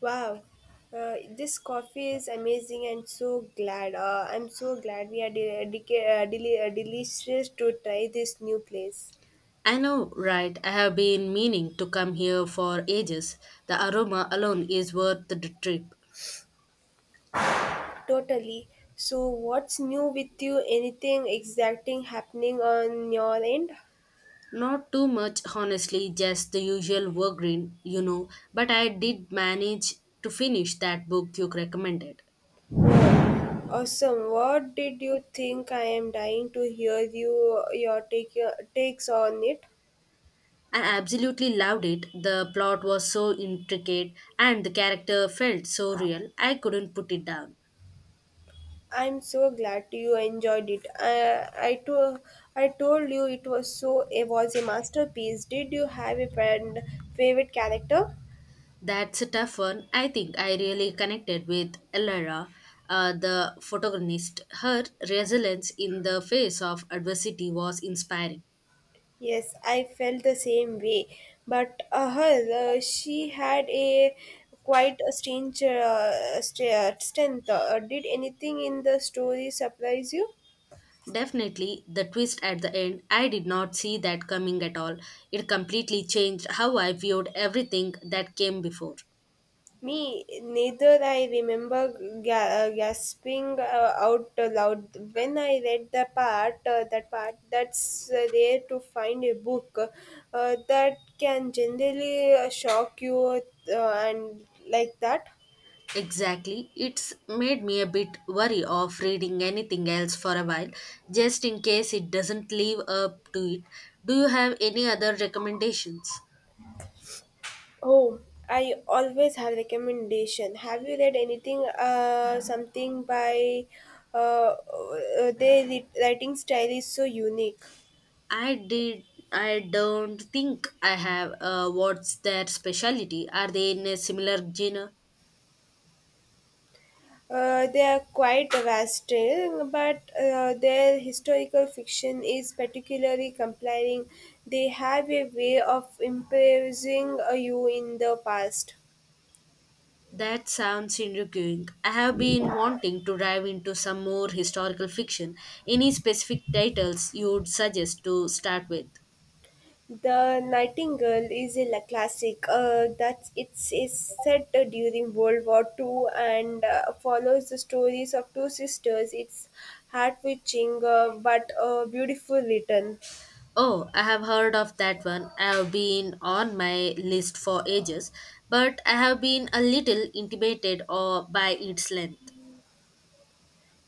Wow, this coffee is amazing and so glad. I'm so glad we are delicious to try this new place. I know, right? I have been meaning to come here for ages. The aroma alone is worth the trip. Totally. So, what's new with you? Anything exciting happening on your end? Not too much, honestly, just the usual work green, but I did manage to finish that book you recommended. Awesome. What did you think? I am dying to hear your takes on it. I absolutely loved it. The plot was so intricate and the character felt so real, I couldn't put it down. I'm so glad you enjoyed it. I told you it was a masterpiece. Did you have a favorite character? That's a tough one. I think I really connected with Elara, the protagonist. Her resilience in the face of adversity was inspiring. Yes, I felt the same way. But she had a quite a strange strength. Did anything in the story surprise you? Definitely, the twist at the end, I did not see that coming at all. It completely changed how I viewed everything that came before. Me neither. I remember gasping out loud when I read the part. That's rare to find a book that can generally shock you and like that. Exactly. It's made me a bit wary of reading anything else for a while, just in case it doesn't live up to it. Do you have any other recommendations? Oh, I always have recommendation. Have you read anything? Something by uh, their writing style is so unique. I did. I don't think I have. What's their specialty? Are they in a similar genre? They are quite vastly, but their historical fiction is particularly compelling. They have a way of impressing you in the past. That sounds intriguing. I have been wanting to dive into some more historical fiction. Any specific titles you would suggest to start with? The Nightingale is a classic. It's set during World War Two and follows the stories of two sisters. It's heart-wrenching but beautiful written. Oh, I have heard of that one. I have been on my list for ages, but I have been a little intimidated or by its length.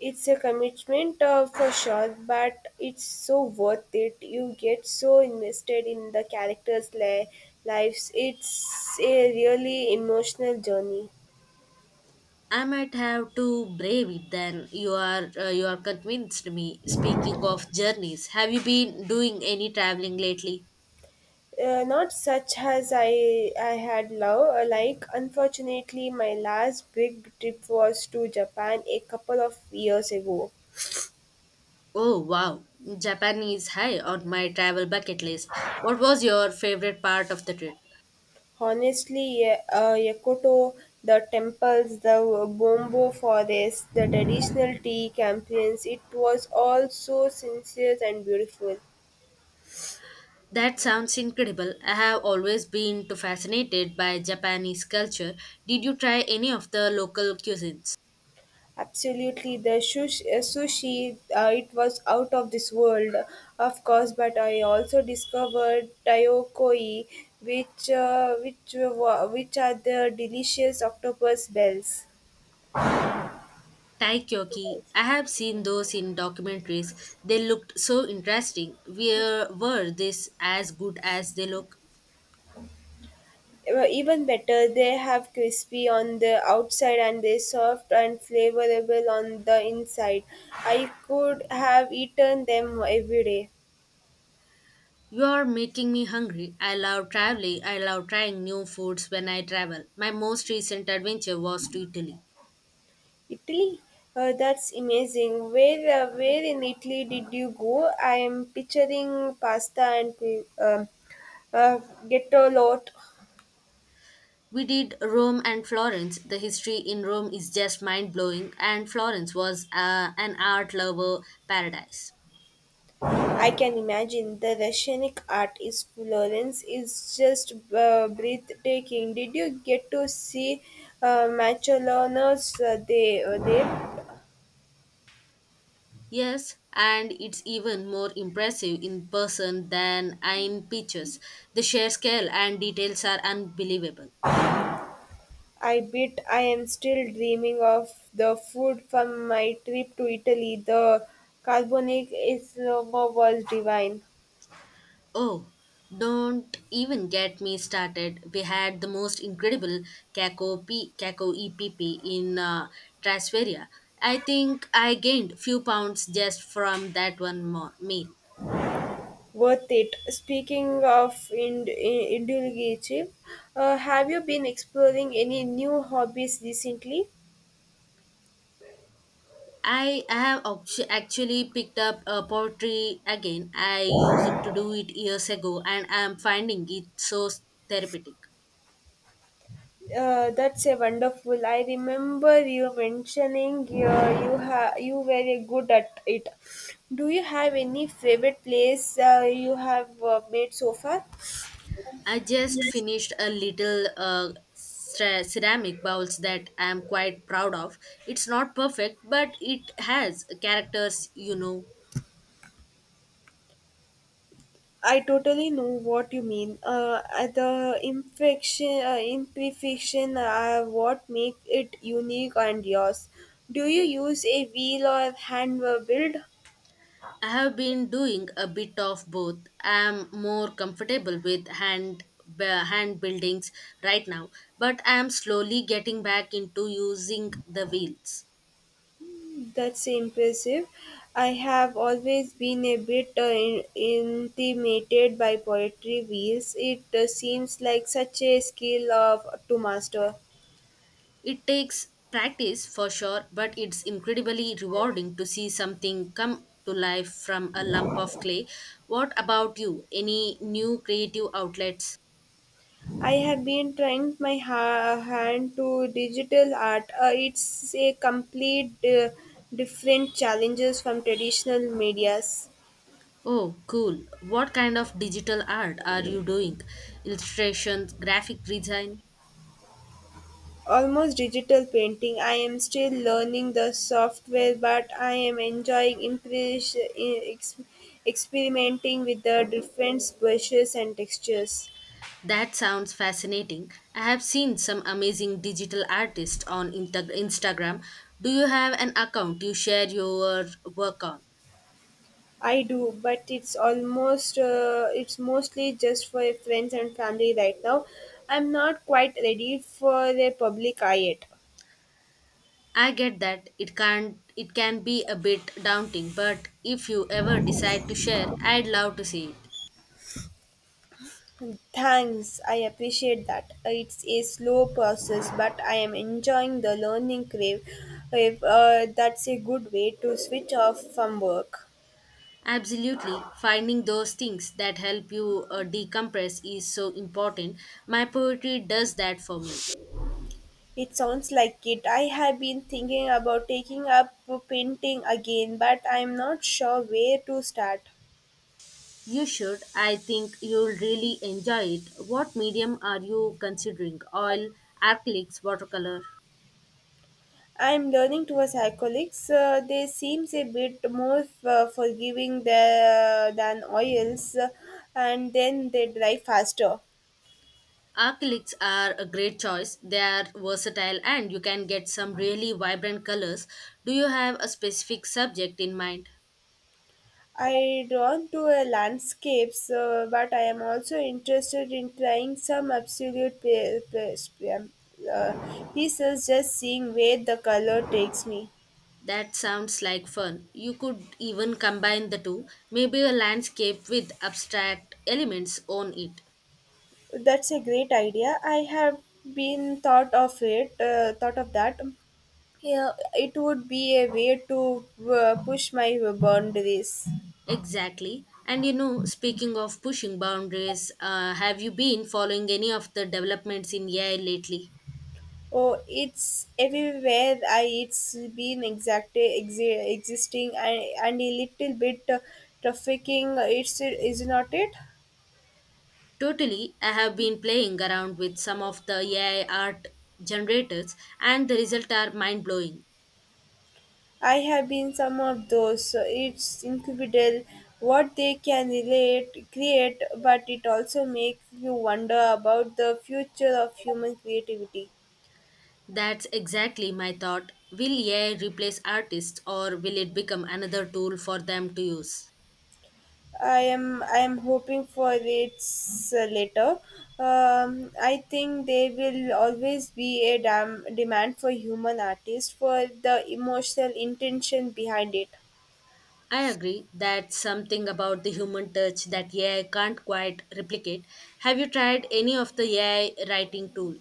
It's a commitment for sure, but it's so worth it. You get so invested in the characters' lives. It's a really emotional journey. I might have to brave it then. You are convinced me. Speaking of journeys, have you been doing any traveling lately? Not such as I had love like. Unfortunately, my last big trip was to Japan a couple of years ago. Oh wow, Japan is high on my travel bucket list. What was your favorite part of the trip? Honestly, Yokota, the temples, the Bombo forest, the traditional tea campaigns, it was all so sincere and beautiful. That sounds incredible. I have always been too fascinated by Japanese culture. Did you try any of the local cuisines? Absolutely, the sushi, it was out of this world, of course, but I also discovered Tayokoi, which, uh, which, which are the delicious octopus bells. Taikyoki, I have seen those in documentaries. They looked so interesting. Where were this as good as they look? Well, even better, they have crispy on the outside and they soft and flavorable on the inside. I could have eaten them every day. You are making me hungry. I love traveling. I love trying new foods when I travel. My most recent adventure was to Italy. Italy, that's amazing. Where in Italy did you go? I am picturing pasta and uh, ghetto lot. We did Rome and Florence. The history in Rome is just mind blowing, and Florence was an art lover paradise. I can imagine the Russianic artist Florence is just breathtaking. Did you get to see Machelonos there? Yes, and it's even more impressive in person than in pictures. The sheer scale and details are unbelievable. I bet I am still dreaming of the food from my trip to Italy. The carbonic isoma was divine. Oh, don't even get me started. We had the most incredible Kako EPP in Trasferia. I think I gained few pounds just from that one more meal. Worth it. Speaking of indulgence, have you been exploring any new hobbies recently? I have actually picked up poetry again. I used it to do it years ago and I'm finding it so therapeutic. That's a wonderful. I remember you mentioning you were a good at it. Do you have any favorite place you have made so far? I just finished a little ceramic bowls that I'm quite proud of. It's not perfect, but it has characters. I totally know what you mean. The imperfection are what make it unique and yours. Do you use a wheel or hand build? I have been doing a bit of both. I am more comfortable with hand buildings right now, but I am slowly getting back into using the wheels. That's impressive. I have always been a bit intimidated by poetry wheels. It seems like such a skill to master. It takes practice for sure, but it's incredibly rewarding to see something come to life from a lump of clay. What about you? Any new creative outlets? I have been trying my hand to digital art. It's a complete different challenges from traditional medias. Oh, cool. What kind of digital art are you doing? Illustrations, graphic design? Almost digital painting. I am still learning the software, but I am enjoying experimenting with the different brushes and textures. That sounds fascinating. I have seen some amazing digital artists on Instagram. Do you have an account you share your work on? I do, but it's mostly just for friends and family right now. I'm not quite ready for the public eye yet. I get that it can be a bit daunting, but if you ever decide to share, I'd love to see it. Thanks, I appreciate that. It's a slow process, but I am enjoying the learning crave. If, That's a good way to switch off from work. Absolutely, finding those things that help you decompress is so important. My poetry does that for me. It sounds like it. I have been thinking about taking up painting again, but I'm not sure where to start. You should. I think you'll really enjoy it. What medium are you considering? Oil, acrylics, watercolor? I'm learning towards acrylics. They seems a bit more forgiving than oils, and then they dry faster. Acrylics are a great choice. They are versatile and you can get some really vibrant colors. Do you have a specific subject in mind? I drawn to a landscapes, but I am also interested in trying some absolute uh, pieces, just seeing where the color takes me. That sounds like fun. You could even combine the two, maybe a landscape with abstract elements on it. That's a great idea. I have been thought of it, thought of that. Yeah, it would be a way to push my boundaries. Exactly. And speaking of pushing boundaries, have you been following any of the developments in AI lately? Oh, it's everywhere. I It's been existing and a little bit trafficking. It's is not it? Totally. I have been playing around with some of the AI art generators, and the results are mind blowing. I have been some of those. So it's incredible what they can relate create, but it also makes you wonder about the future of human creativity. That's exactly my thought. Will AI replace artists, or will it become another tool for them to use? I am hoping for its later. I think there will always be a demand for human artists for the emotional intention behind it. I agree. That's something about the human touch that AI can't quite replicate. Have you tried any of the AI writing tool?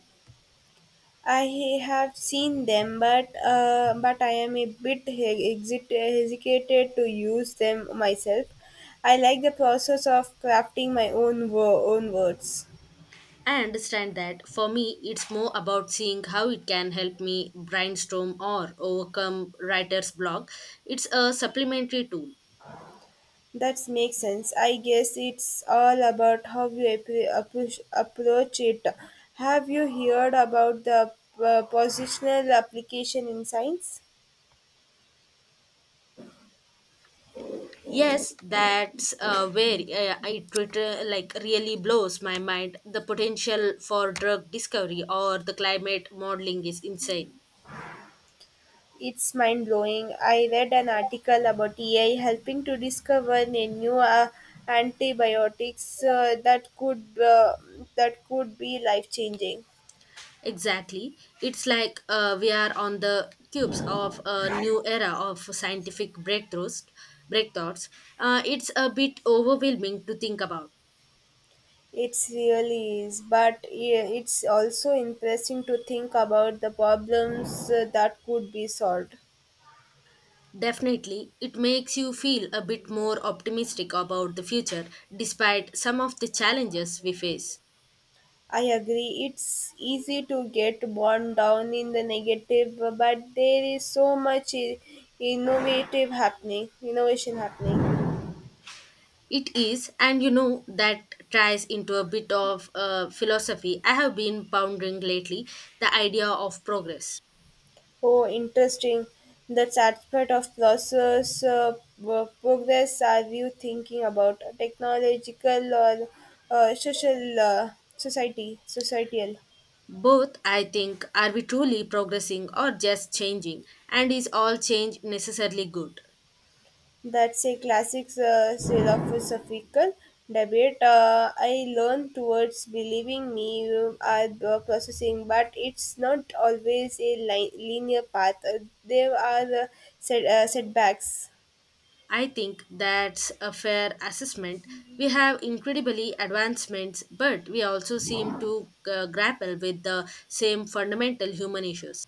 I have seen them, but I am a bit hesitated to use them myself. I like the process of crafting my own words. I understand that. For me, it's more about seeing how it can help me brainstorm or overcome writer's block. It's a supplementary tool. That makes sense. I guess it's all about how you approach it. Have you heard about the positional application in science? Yes, that's where it like really blows my mind. The potential for drug discovery or the climate modeling is insane. It's mind blowing. I read an article about AI helping to discover a new antibiotics that could be life changing. Exactly. It's like we are on the cubes of a new era of scientific breakthroughs. It's a bit overwhelming to think about. It really is, but it's also interesting to think about the problems that could be solved. Definitely, it makes you feel a bit more optimistic about the future despite some of the challenges we face. I agree. It's easy to get bogged down in the negative, but there is so much innovation happening. It is, and that ties into a bit of philosophy I have been pondering lately the idea of progress. Oh, interesting. That's aspect of progress. Are you thinking about technological or social societal? Both, I think, are we truly progressing or just changing? And is all change necessarily good? That's a classic philosophical debate. I learn towards believing me you are the processing, but it's not always a linear path. There are setbacks. I think that's a fair assessment. We have incredibly advancements, but we also seem to grapple with the same fundamental human issues.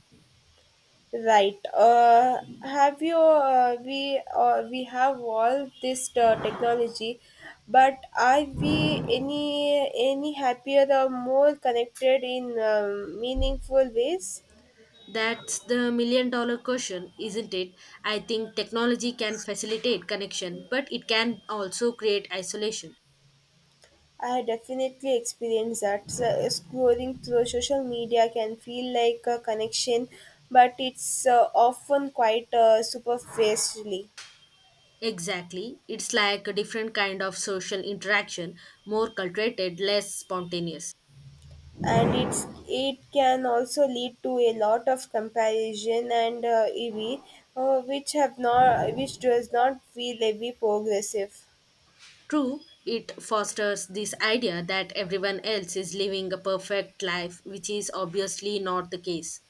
Right. Have you? We have all this technology, but are we any happier or more connected in meaningful ways? That's the million dollar question, isn't it? I think technology can facilitate connection, but it can also create isolation. I definitely experienced that. So, scrolling through social media can feel like a connection, but it's often quite superficially, Exactly. It's like a different kind of social interaction, more cultivated, less spontaneous. and it can also lead to a lot of comparison and envy, which does not feel very progressive. True, it fosters this idea that everyone else is living a perfect life, which is obviously not the case.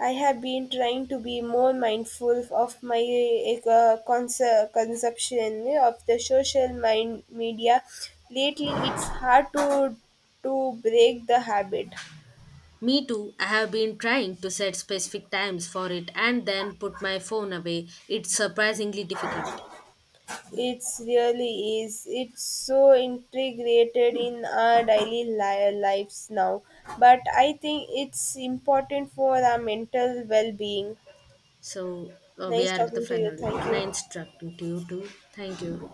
I have been trying to be more mindful of my like, consumption of the social mind media. Lately, it's hard to break the habit. Me too, I have been trying to set specific times for it and then put my phone away. It's surprisingly difficult. It's really is. It's so integrated in our daily lives now. But I think it's important for our mental well-being. So, we Nice are at the talking to you. final. Thank you. Nice talking to you too. Thank you.